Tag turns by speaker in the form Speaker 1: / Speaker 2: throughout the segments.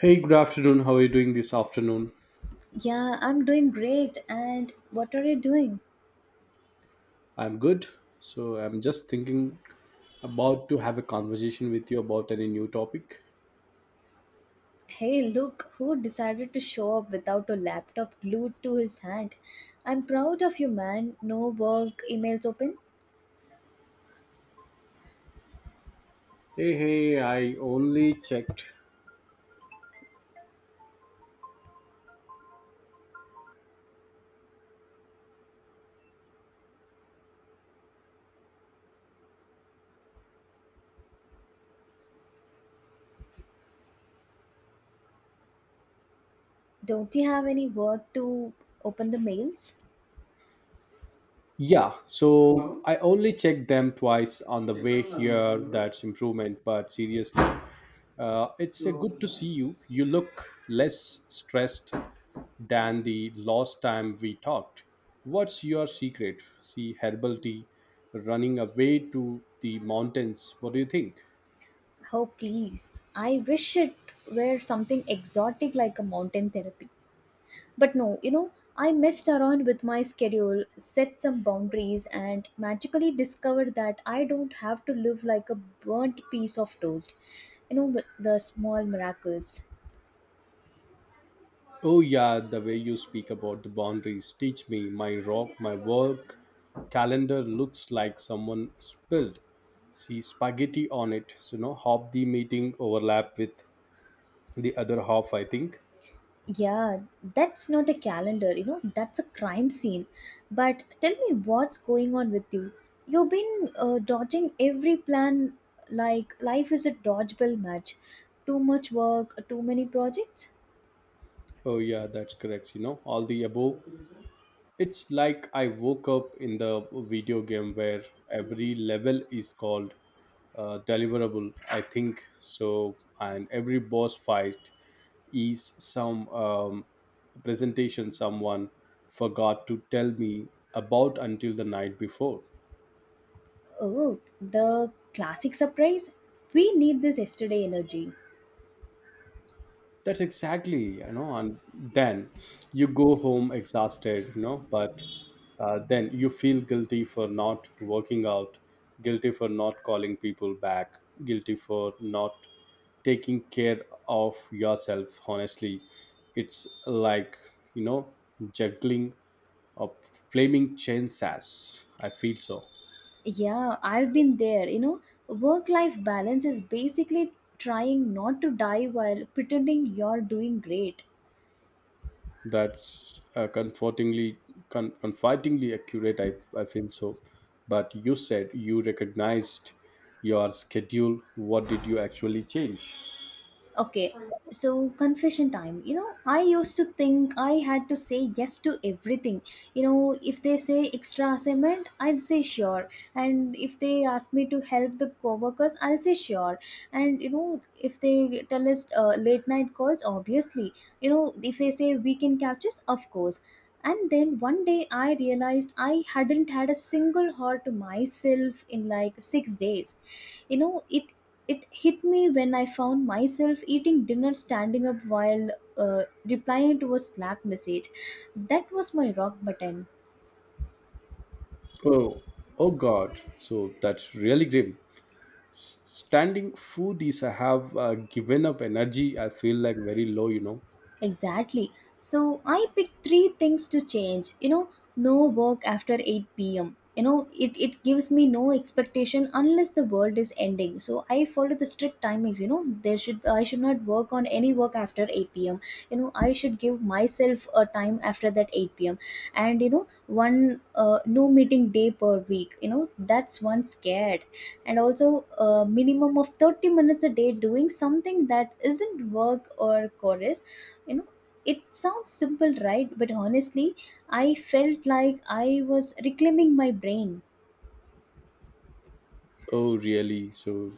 Speaker 1: Hey, good afternoon. How are you doing this afternoon?
Speaker 2: Yeah, I'm doing great. And what are you doing?
Speaker 1: I'm good. So, I'm just thinking about to have a conversation with you about any new topic.
Speaker 2: Hey, look, who decided to show up without a laptop glued to his hand? I'm proud of you, man. No work, emails open.
Speaker 1: Hey, hey, I only checked.
Speaker 2: Don't you have any work to open the mails?
Speaker 1: Yeah, so I only checked them twice on the way here. That's improvement, but seriously, it's a good to see you. You look less stressed than the last time we talked. What's your secret? See herbal tea running away to the mountains. What do you think?
Speaker 2: Oh, please. I wish it were something exotic like a mountain therapy. But no, I messed around with my schedule, set some boundaries, and magically discovered that I don't have to live like a burnt piece of toast. You know, with the small miracles.
Speaker 1: Oh yeah, the way you speak about the boundaries teach me my rock, my work calendar looks like someone spilled see spaghetti on it. So you know, half the meeting overlap with the other half, I think.
Speaker 2: Yeah, that's not a calendar, you know, that's a crime scene. But tell me what's going on with you. You've been dodging every plan like life is a dodgeball match. Too much work, too many projects.
Speaker 1: Oh yeah, that's correct. You know, all the above. It's like I woke up in the video game where every level is called deliverable, I think so, and every boss fight is some presentation someone forgot to tell me about until the night before.
Speaker 2: Oh, the classic surprise? We need this yesterday energy.
Speaker 1: That's exactly, you know, and then you go home exhausted, you know, but then you feel guilty for not working out, guilty for not calling people back, guilty for not taking care of yourself. Honestly, it's like, you know, juggling of flaming chainsaws. I feel so.
Speaker 2: Yeah, I've been there. You know, work life balance is basically trying not to die while pretending you're doing great.
Speaker 1: That's comfortingly confidingly accurate. I feel so, but you said you recognized your schedule. What did you actually change?
Speaker 2: Okay, so confession time. You know, I used to think I had to say yes to everything. You know, if they say extra assignment, I'll say sure. And if they ask me to help the coworkers, I'll say sure. And you know, if they tell us late night calls, obviously. You know, if they say weekend captures, of course. And then one day I realized I hadn't had a single hour to myself in like 6 days. You know, it it hit me when I found myself eating dinner standing up while replying to a Slack message. That was my rock button.
Speaker 1: Oh, oh God, so that's really grim. Standing foodies, I have given up energy, I feel like very low, you know.
Speaker 2: Exactly. So I picked three things to change. You know, no work after 8 p.m. It gives me no expectation unless the world is ending. So I follow the strict timings, you know. There should I should not work on any work after 8 p.m. You know, I should give myself a time after that 8 p.m. And you know, one no meeting day per week. You know, that's one scared. And also a minimum of 30 minutes a day doing something that isn't work or chorus, you know. It sounds simple, right? But honestly, I felt like I was reclaiming my brain.
Speaker 1: Oh, really? So,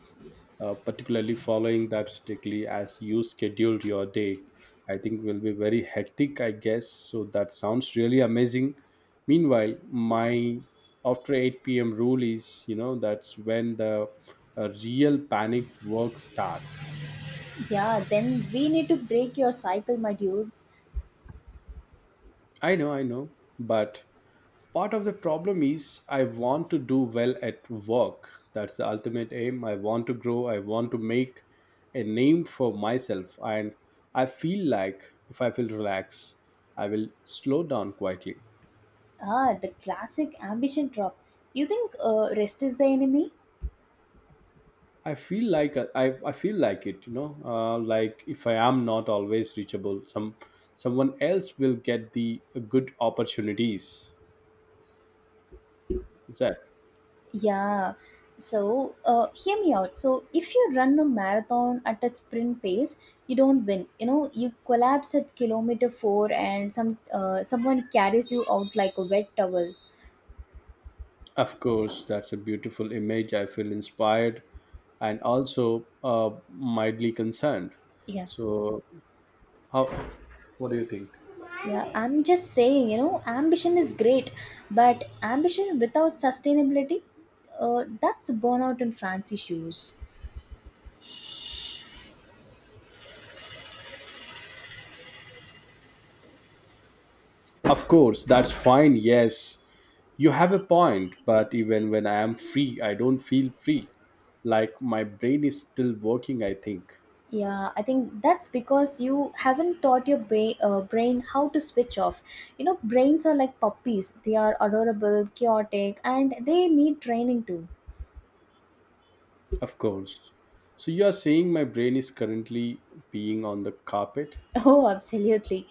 Speaker 1: particularly following that strictly as you scheduled your day, I think will be very hectic, I guess. So, that sounds really amazing. Meanwhile, my after 8 p.m. rule is, you know, that's when the real panic work starts.
Speaker 2: Yeah, then we need to break your cycle, my dude.
Speaker 1: I know, but part of the problem is I want to do well at work. That's the ultimate aim. I want to grow, I want to make a name for myself, and I feel like if I will relax, I will slow down quietly.
Speaker 2: Ah, the classic ambition drop. You think rest is the enemy?
Speaker 1: I feel like I feel like it, you know, like if I am not always reachable, someone else will get the good opportunities. Is that…
Speaker 2: Yeah, so hear me out. So if you run a marathon at a sprint pace, you don't win, you know, you collapse at kilometer 4 and someone carries you out like a wet towel.
Speaker 1: Of course, that's a beautiful image. I feel inspired and also mildly concerned.
Speaker 2: Yeah.
Speaker 1: So, how, what do you think?
Speaker 2: Yeah, I'm just saying, you know, ambition is great, but ambition without sustainability, that's burnout in fancy shoes.
Speaker 1: Of course, that's fine. Yes, you have a point. But even when I am free, I don't feel free. Like my brain is still working, I think.
Speaker 2: Yeah, I think that's because you haven't taught your brain how to switch off. You know, brains are like puppies, they are adorable, chaotic, and they need training too.
Speaker 1: Of course. So, you are saying my brain is currently being on the carpet?
Speaker 2: Oh, absolutely.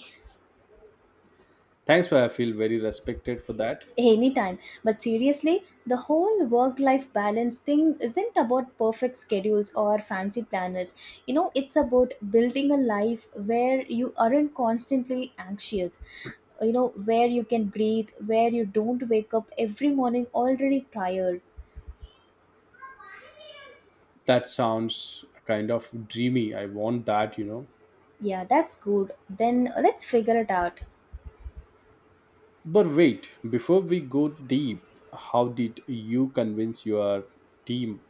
Speaker 1: Thanks for, I feel very respected for that.
Speaker 2: Anytime. But seriously, the whole work life balance thing isn't about perfect schedules or fancy planners. You know, it's about building a life where you aren't constantly anxious. You know, where you can breathe, where you don't wake up every morning already tired.
Speaker 1: That sounds kind of dreamy. I want that, you know.
Speaker 2: Yeah, that's good. Then let's figure it out.
Speaker 1: But wait, before we go deep, how did you convince your team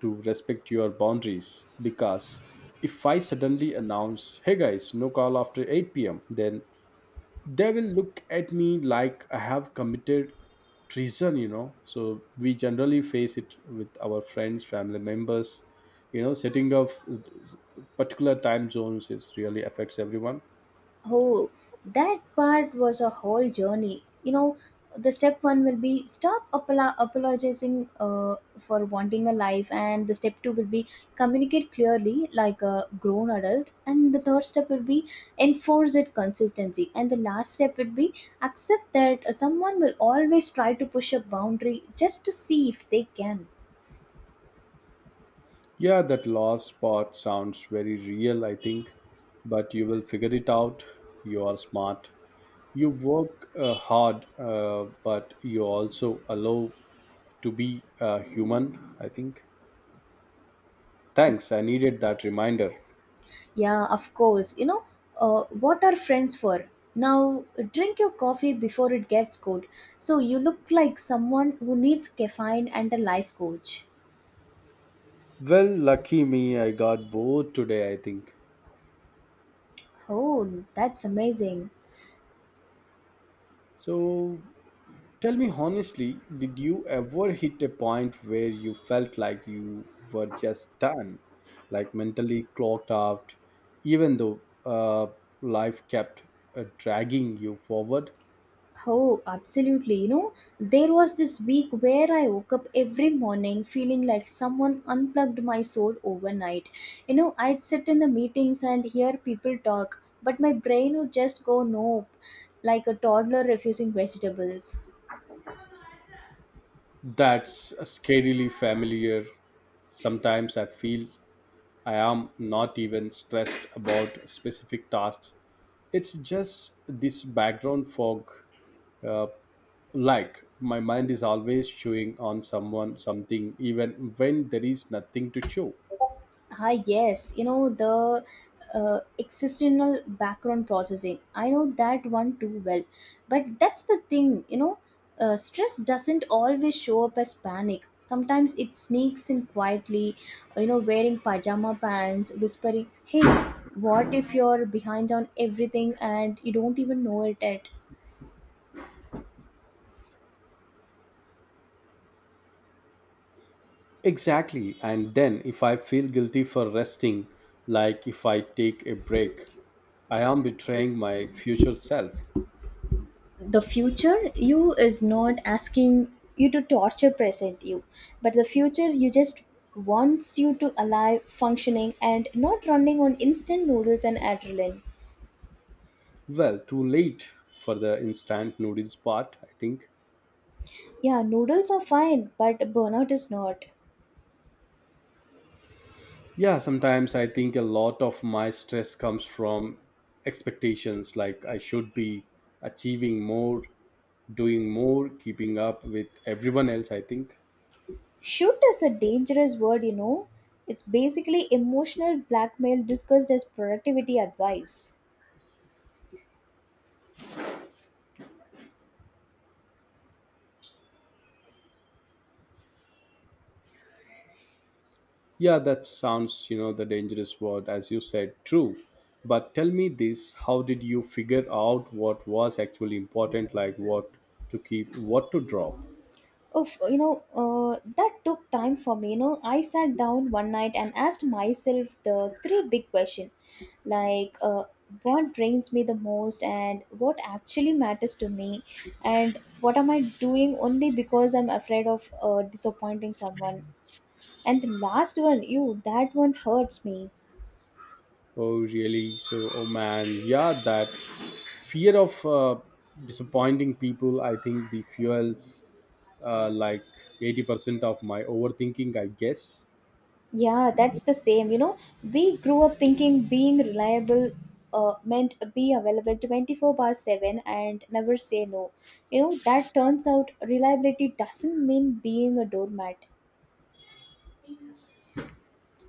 Speaker 1: to respect your boundaries? Because if I suddenly announce, hey guys, no call after 8 p.m., then they will look at me like I have committed treason, you know. So we generally face it with our friends, family members, you know, setting up particular time zones is really affects everyone.
Speaker 2: Oh, that part was a whole journey. You know, the step one will be stop apologizing for wanting a life, and the step two will be communicate clearly like a grown adult, and the third step will be enforce it consistency, and the last step would be accept that someone will always try to push a boundary just to see if they can.
Speaker 1: Yeah, that last part sounds very real, I think, but you will figure it out. You are smart. You work hard, but you also allow to be human, I think. Thanks, I needed that reminder.
Speaker 2: Yeah, of course. You know, what are friends for? Now, drink your coffee before it gets cold. So, you look like someone who needs caffeine and a life coach.
Speaker 1: Well, lucky me, I got bored today, I think.
Speaker 2: Oh, that's amazing.
Speaker 1: So, tell me honestly, did you ever hit a point where you felt like you were just done, like mentally clocked out, even though life kept dragging you forward?
Speaker 2: Oh, absolutely. You know, there was this week where I woke up every morning feeling like someone unplugged my soul overnight. You know, I'd sit in the meetings and hear people talk, but my brain would just go nope, like a toddler refusing vegetables.
Speaker 1: That's scarily familiar. Sometimes I feel I am not even stressed about specific tasks. It's just this background fog, uh, like my mind is always chewing on someone something even when there is nothing to chew.
Speaker 2: Ah, yes, you know the existential background processing. I know that one too well, but that's the thing, you know, stress doesn't always show up as panic. Sometimes it sneaks in quietly, you know, wearing pajama pants, whispering, "Hey, what if you're behind on everything and you don't even know it yet?"
Speaker 1: Exactly, and then if I feel guilty for resting, like if I take a break, I am betraying my future self.
Speaker 2: The future you is not asking you to torture present you, but the future you just wants you to alive functioning and not running on instant noodles and adrenaline.
Speaker 1: Well, too late for the instant noodles part, I think.
Speaker 2: Yeah, noodles are fine, but burnout is not.
Speaker 1: Yeah, sometimes I think a lot of my stress comes from expectations, like I should be achieving more, doing more, keeping up with everyone else, I think.
Speaker 2: Shoot is a dangerous word, you know, it's basically emotional blackmail discussed as productivity advice.
Speaker 1: Yeah, that sounds, you know, the dangerous word, as you said, true. But tell me this, how did you figure out what was actually important, like what to keep, what to drop?
Speaker 2: Oof, you know, that took time for me. You know, I sat down one night and asked myself the three big questions like what drains me the most, and what actually matters to me, and what am I doing only because I'm afraid of disappointing someone. And the last one, you, that one hurts me.
Speaker 1: Oh, really? So, oh man, yeah, that fear of disappointing people, I think the fuels like 80% of my overthinking, I guess.
Speaker 2: Yeah, that's the same. You know, we grew up thinking being reliable meant be available 24 bar 7 and never say no. You know, that turns out reliability doesn't mean being a doormat.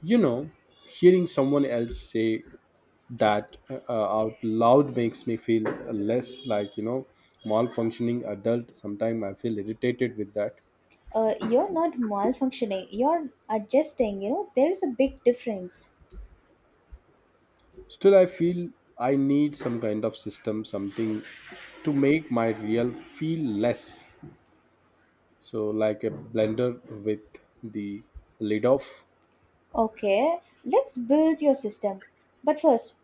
Speaker 1: You know, hearing someone else say that out loud makes me feel less like, you know, malfunctioning adult. Sometimes I feel irritated with that.
Speaker 2: You're not malfunctioning, you're adjusting. You know, there's a big difference.
Speaker 1: Still, I feel I need some kind of system, something to make my real feel less. So, like a blender with the lid off.
Speaker 2: Okay, let's build your system. But first,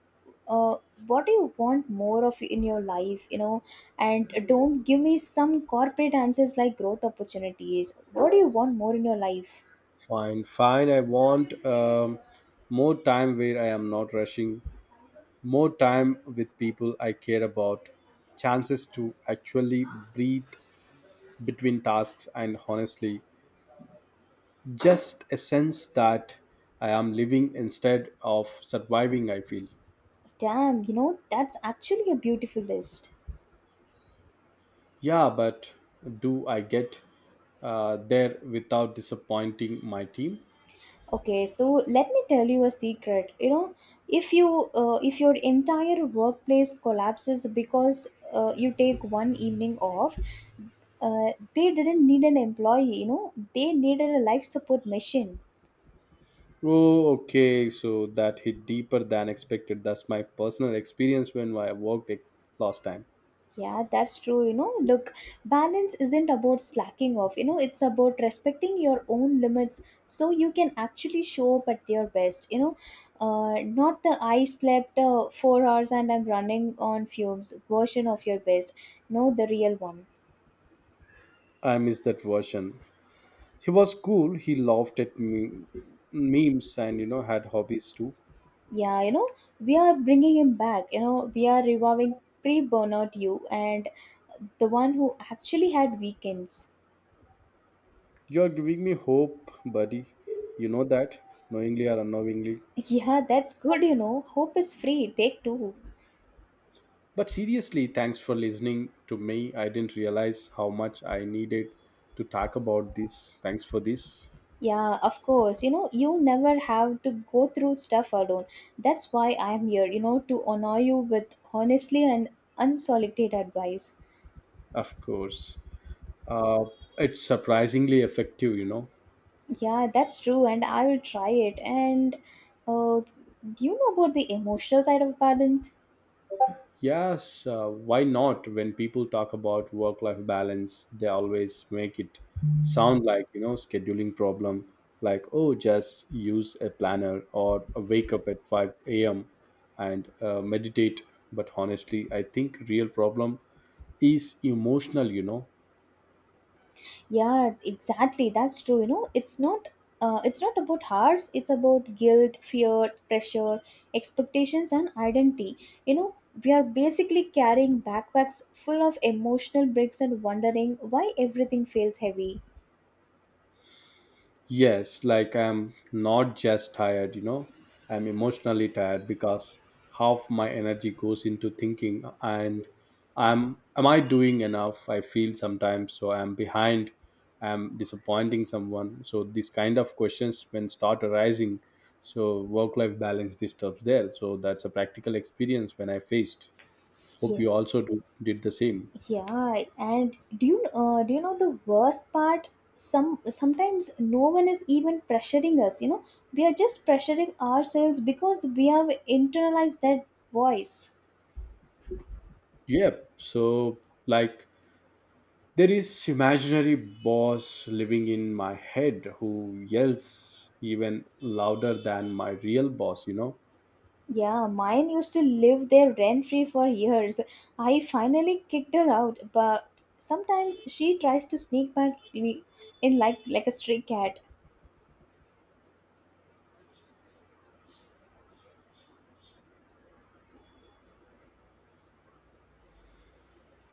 Speaker 2: uh, what do you want more of in your life? You know, and don't give me some corporate answers like growth opportunities. What do you want more in your life?
Speaker 1: Fine, fine. I want more time where I am not rushing, more time with people I care about, chances to actually breathe between tasks, and honestly, just a sense that I am living instead of surviving, I feel.
Speaker 2: Damn, you know, that's actually a beautiful list.
Speaker 1: Yeah, but do I get there without disappointing my team?
Speaker 2: Okay, so let me tell you a secret. You know, if your entire workplace collapses because you take one evening off, they didn't need an employee. You know, they needed a life support machine.
Speaker 1: Oh, okay. So that hit deeper than expected. That's my personal experience when I worked it last time.
Speaker 2: Yeah, that's true. You know, look, balance isn't about slacking off. You know, it's about respecting your own limits so you can actually show up at your best. You know, not the I slept 4 hours and I'm running on fumes version of your best. No, the real one.
Speaker 1: I miss that version. He was cool, he laughed at me, memes and you know had hobbies too.
Speaker 2: Yeah, you know, we are bringing him back. You know, we are reviving pre burnout you and the one who actually had weekends.
Speaker 1: You're giving me hope, buddy, you know that, knowingly or unknowingly.
Speaker 2: Yeah, that's good. You know, hope is free. Take 2.
Speaker 1: But seriously, thanks for listening to me. I didn't realize how much I needed to talk about this. Thanks for this.
Speaker 2: Yeah, of course. You know, you never have to go through stuff alone. That's why I am here, you know, to honor you with honestly and unsolicited advice.
Speaker 1: Of course, uh, it's surprisingly effective, you know.
Speaker 2: Yeah, that's true, and I will try it. And uh, do you know about the emotional side of balance?
Speaker 1: Yes, why not? When people talk about work life balance, they always make it sound like, you know, scheduling problem, like, oh, just use a planner or wake up at 5 a.m. and meditate. But honestly, I think real problem is emotional, you know.
Speaker 2: Yeah, exactly. That's true. You know, it's not about hearts, it's about guilt, fear, pressure, expectations and identity. You know, we are basically carrying backpacks full of emotional bricks and wondering why everything feels heavy.
Speaker 1: Yes, like I'm not just tired, you know, I'm emotionally tired because half my energy goes into thinking and I'm, am I doing enough? I feel sometimes so I'm behind, I'm disappointing someone. So these kind of questions when start arising, so work life balance disturbs there. So that's a practical experience when I faced. Hope
Speaker 2: Yeah,
Speaker 1: you also do, did the same.
Speaker 2: yeah. And do you know the worst part? Sometimes no one is even pressuring us. You know, we are just pressuring ourselves because we have internalized that voice.
Speaker 1: Yep. So like there is imaginary boss living in my head who yells even louder than my real boss, you know.
Speaker 2: Yeah, mine used to live there rent free for years. I finally kicked her out, but sometimes she tries to sneak back in like a stray cat.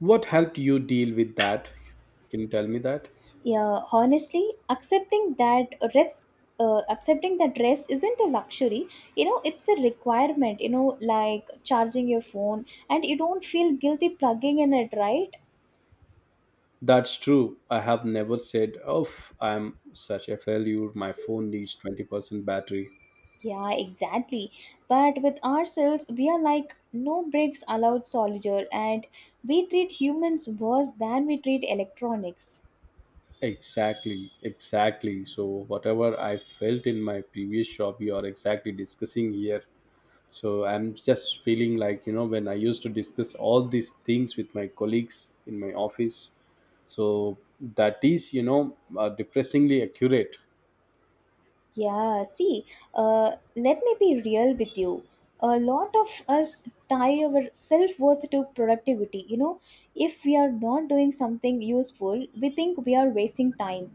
Speaker 1: What helped you deal with that? Can you tell me that?
Speaker 2: Yeah, honestly, accepting that rest isn't a luxury. You know, it's a requirement. You know, like charging your phone, and you don't feel guilty plugging in it, right?
Speaker 1: That's true. I have never said, "Oh, I'm such a failure. My phone needs 20% battery."
Speaker 2: Yeah, exactly. But with ourselves, we are like no breaks allowed soldier, and we treat humans worse than we treat electronics.
Speaker 1: Exactly, exactly. So whatever I felt in my previous job, you are exactly discussing here. So I'm just feeling like, you know, when I used to discuss all these things with my colleagues in my office, so that is, you know, depressingly accurate.
Speaker 2: Yeah, see, let me be real with you. A lot of us tie our self worth to productivity. You know, if we are not doing something useful, we think we are wasting time.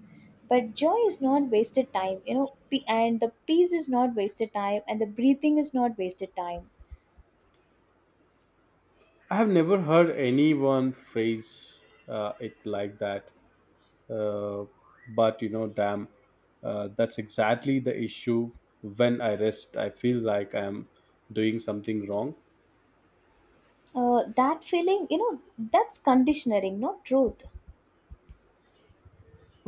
Speaker 2: But joy is not wasted time, you know, and the peace is not wasted time, and the breathing is not wasted time.
Speaker 1: I have never heard anyone phrase it like that, uh, but you know, damn, that's exactly the issue. When I rest, I feel like I'm doing something wrong.
Speaker 2: That feeling, you know, that's conditioning, not truth.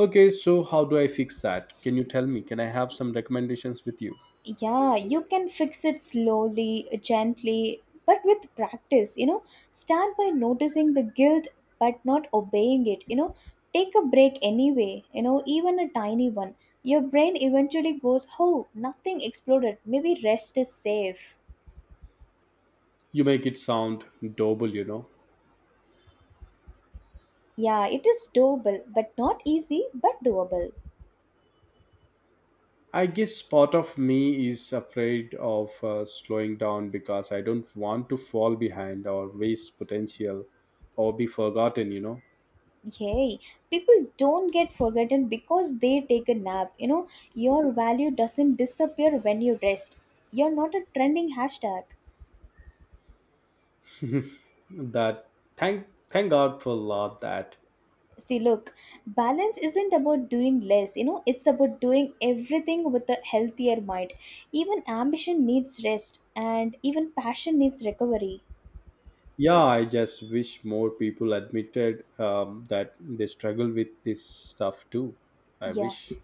Speaker 1: Okay, so how do I fix that? Can you tell me? Can I have some recommendations with you?
Speaker 2: Yeah, you can fix it slowly, gently, but with practice, you know, start by noticing the guilt but not obeying it, you know, take a break anyway, you know, even a tiny one. Your brain eventually goes, oh, nothing exploded, maybe rest is safe.
Speaker 1: You make it sound doable, you know.
Speaker 2: Yeah, it is doable, but not easy, but doable.
Speaker 1: I guess part of me is afraid of slowing down because I don't want to fall behind or waste potential or be forgotten, you know.
Speaker 2: Yay. People don't get forgotten because they take a nap. You know, your value doesn't disappear when you rest. You're not a trending hashtag.
Speaker 1: That, thank God for lot that.
Speaker 2: See, look, balance isn't about doing less, you know, it's about doing everything with a healthier mind. Even ambition needs rest, and even passion needs recovery.
Speaker 1: Yeah, I just wish more people admitted that they struggle with this stuff too. I
Speaker 2: Yeah.
Speaker 1: wish.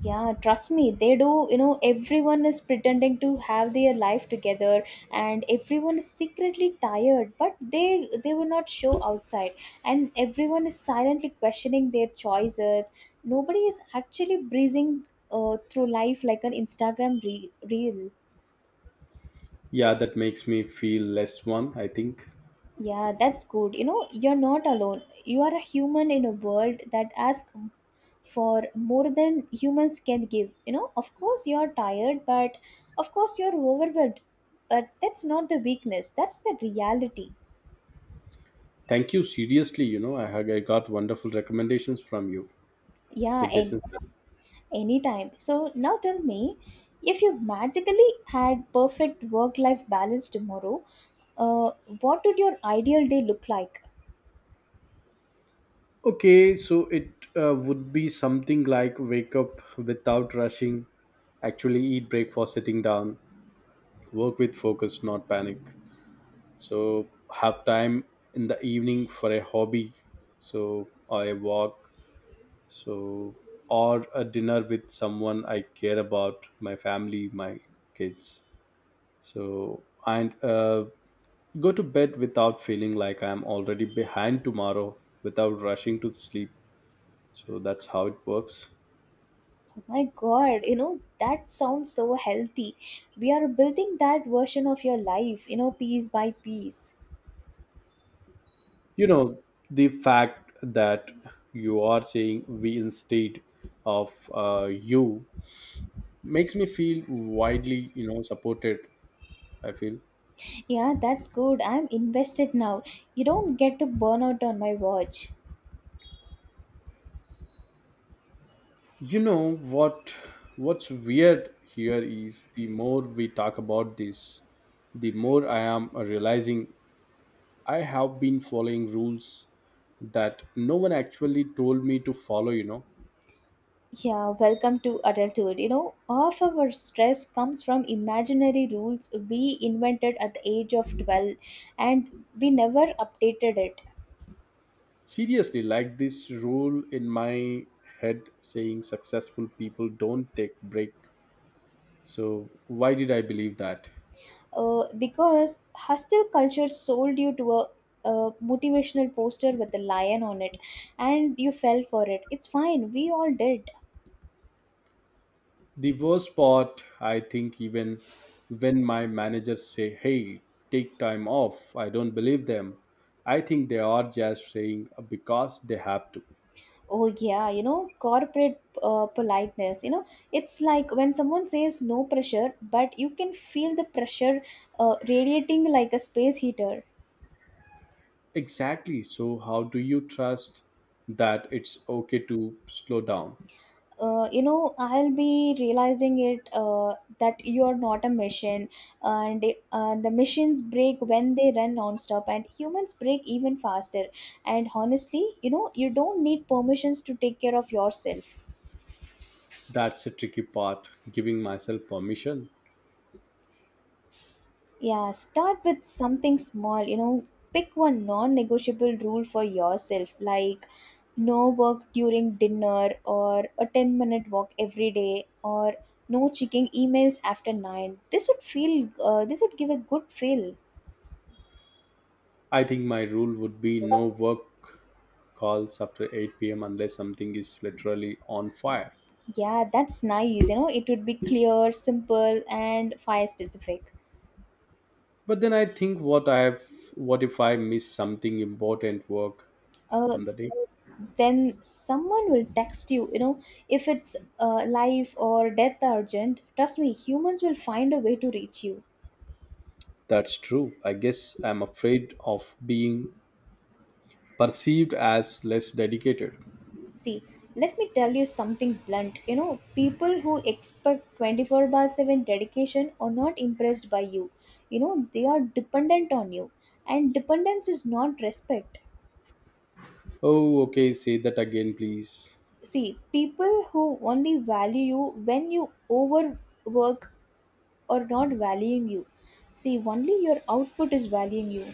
Speaker 2: Yeah, trust me, they do. You know, everyone is pretending to have their life together, and everyone is secretly tired, but they will not show outside. And everyone is silently questioning their choices. Nobody is actually breezing through life like an Instagram reel.
Speaker 1: Yeah, that makes me feel less one, I think.
Speaker 2: Yeah, that's good. You know, you're not alone. You are a human in a world that asks for more than humans can give. You know, of course, you're tired, but of course, you're overwhelmed. But that's not the weakness, that's the reality.
Speaker 1: Thank you seriously, you know. I got wonderful recommendations from you,
Speaker 2: Yeah, and
Speaker 1: suggestions.
Speaker 2: anytime. So now tell me if you magically had perfect work life balance tomorrow, uh, what would your ideal day look like?
Speaker 1: Okay, so it would be something like wake up without rushing, actually eat breakfast sitting down, work with focus, not panic. So have time in the evening for a hobby, so or a walk, so or a dinner with someone I care about, my family, my kids. So and go to bed without feeling like I am already behind tomorrow, without rushing to sleep. So that's how it works.
Speaker 2: My God, you know, that sounds so healthy. We are building that version of your life, you know, piece by piece.
Speaker 1: You know the fact that you are saying we instead of you makes me feel widely, you know, supported, I feel.
Speaker 2: Yeah, that's good. I'm invested now. You don't get to burn out on my watch.
Speaker 1: You know what, what's weird here is the more we talk about this, the more I am realizing I have been following rules that no one actually told me to follow, you know.
Speaker 2: Yeah, welcome to adulthood. You know, half of our stress comes from imaginary rules we invented at the age of 12, and we never updated it.
Speaker 1: Seriously, like this rule in my head saying successful people don't take break. So, why did I believe that?
Speaker 2: Because hostile culture sold you to a motivational poster with a lion on it, and you fell for it. It's fine, we all did.
Speaker 1: The worst part, I think, even when my managers say, hey, take time off, I don't believe them. I think they are just saying because they have to.
Speaker 2: Oh yeah, you know, corporate politeness, you know, it's like when someone says no pressure but you can feel the pressure radiating like a space heater.
Speaker 1: Exactly. So, how do you trust that it's okay to slow down?
Speaker 2: You know, I'll be realizing it, that you are not a machine, and the machines break when they run non-stop and humans break even faster. And honestly, you know, you don't need permissions to take care of yourself.
Speaker 1: That's the tricky part, giving myself permission.
Speaker 2: Yeah, start with something small. You know, pick one non negotiable rule for yourself, like no work during dinner, or a 10-minute walk every day, or no checking emails after 9. This would give a good feel.
Speaker 1: I think my rule would be no work calls after 8 p.m. unless something is literally on fire.
Speaker 2: Yeah, that's nice. You know, it would be clear, simple, and fire specific.
Speaker 1: But then I think what I have, what if I miss something important work
Speaker 2: Uh,
Speaker 1: on the day?
Speaker 2: then someone will text you. You know, if it's life or death urgent, trust me, humans will find a way to reach you.
Speaker 1: That's true. I guess I'm afraid of being perceived as less dedicated.
Speaker 2: See, let me tell you something blunt. You know, people who expect 24/7 dedication are not impressed by you. You know, they are dependent on you. And dependence is not respect.
Speaker 1: Oh, okay, say that again, please.
Speaker 2: See, people who only value you when you overwork are not valuing you. See, only your output is valuing you.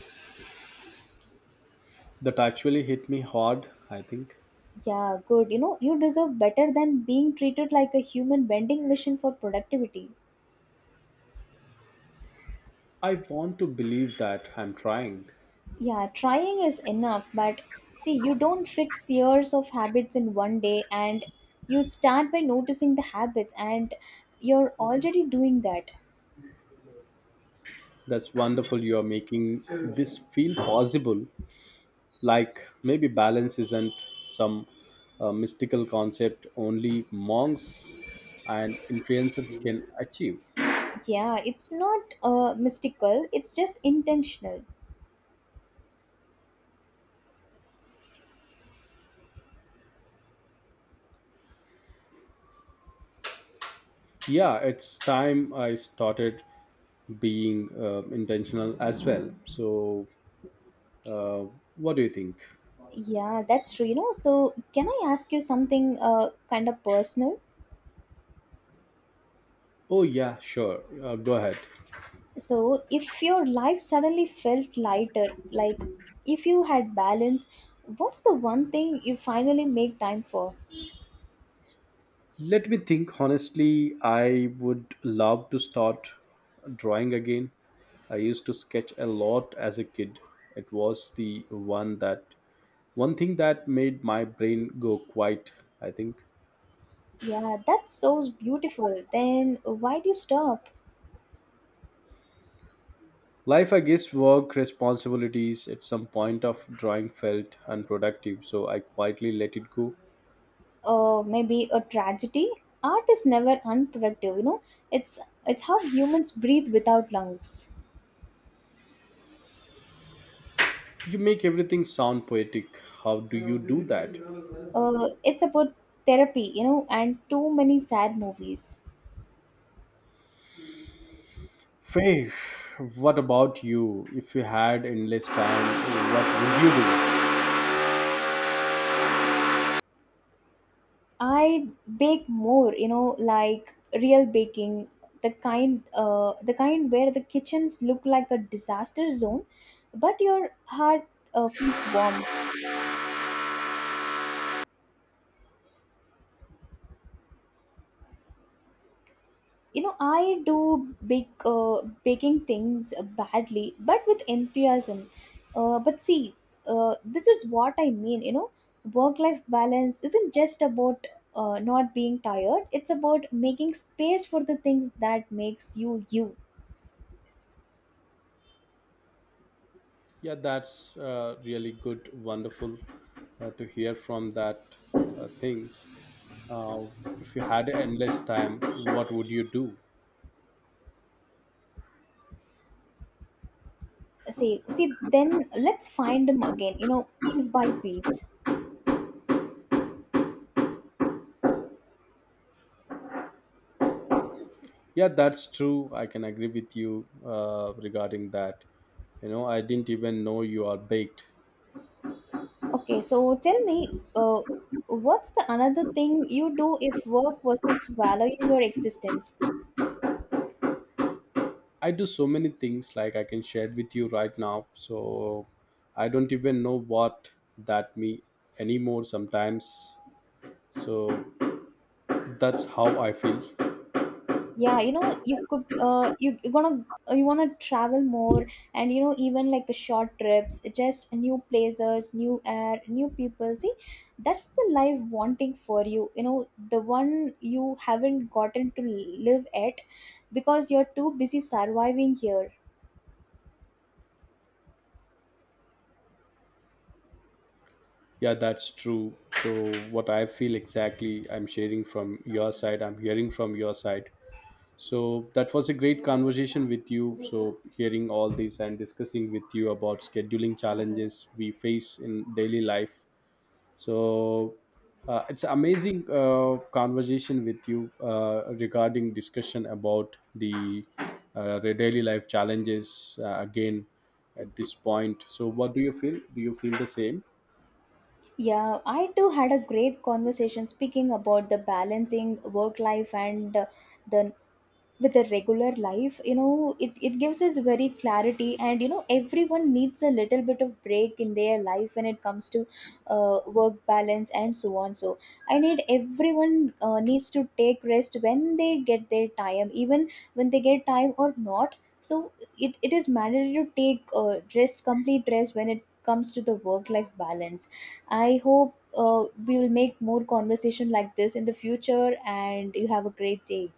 Speaker 1: That actually hit me hard, I think.
Speaker 2: Yeah, good. You know, you deserve better than being treated like a human vending machine for productivity.
Speaker 1: I want to believe that I'm trying.
Speaker 2: Yeah, trying is enough, but see, you don't fix years of habits in one day, and you start by noticing the habits, and you're already doing that.
Speaker 1: That's wonderful, you are making this feel possible, like maybe balance isn't some mystical concept only monks and influencers can achieve.
Speaker 2: Yeah, it's not mystical, it's just intentional.
Speaker 1: Yeah, it's time I started being intentional as well, so uh, what do you think?
Speaker 2: Yeah, that's true. You know, so can I ask you something kind of personal?
Speaker 1: Oh yeah, sure, go ahead.
Speaker 2: So, if your life suddenly felt lighter, like if you had balance, what's the one thing you finally make time for?
Speaker 1: Let me think. Honestly, I would love to start drawing again. I used to sketch a lot as a kid. It was the one that, one thing that made my brain go quiet, I think.
Speaker 2: Yeah, that's so beautiful. Then why do you stop?
Speaker 1: Life, I guess, work, responsibilities at some point of drawing felt unproductive, so I quietly let it go.
Speaker 2: Maybe a tragedy? Art is never unproductive, you know. It's it's how humans breathe without lungs.
Speaker 1: You make everything sound poetic. How do you do that?
Speaker 2: It's about therapy, you know, and too many sad movies.
Speaker 1: Faith, what about you? If you had endless time, what would you do?
Speaker 2: I bake more, you know, like real baking, the kind where the kitchens look like a disaster zone, but your heart feels warm. You know, I do bake baking things badly but with enthusiasm. But see, this is what I mean, you know, work life balance isn't just about not being tired. It's about making space for the things that makes you you.
Speaker 1: Yeah, that's really good, wonderful to hear from that things. Uh, if you had endless time, what would you do?
Speaker 2: See then, let's find them again, you know, piece by piece.
Speaker 1: Yeah, that's true. I can agree with you regarding that. You know, I didn't even know you are baked.
Speaker 2: Okay, so tell me, uh, what's the another thing you do if work wasn't swallowing your existence?
Speaker 1: I do so many things like I can share with you right now. So I don't even know what that me anymore sometimes. So that's how I feel.
Speaker 2: Yeah, you know, you could you, you're gonna you want to travel more, and you know, even like a short trips, just new places, new air, new people. See, that's the life wanting for you, you know, the one you haven't gotten to live at because you're too busy surviving here.
Speaker 1: Yeah, that's true. So what I feel exactly, I'm sharing from your side. I'm hearing from your side. So that was a great conversation with you. So hearing all this and discussing with you about scheduling challenges we face in daily life. So it's amazing conversation with you regarding discussion about the daily life challenges again at this point. So what do you feel? Do you feel the same?
Speaker 2: Yeah, I too had a great conversation speaking about the balancing work life and the with a regular life. You know, it gives us very clarity, and you know, everyone needs a little bit of break in their life when it comes to work balance and so on. So I need everyone needs to take rest when they get their time, even when they get time or not. So it is mandatory to take rest, complete rest, when it comes to the work life balance. I hope we will make more conversation like this in the future, and you have a great day.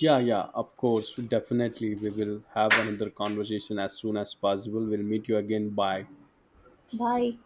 Speaker 1: Yeah, yeah, of course. Definitely. We will have another conversation as soon as possible. We'll meet you again. Bye.
Speaker 2: Bye.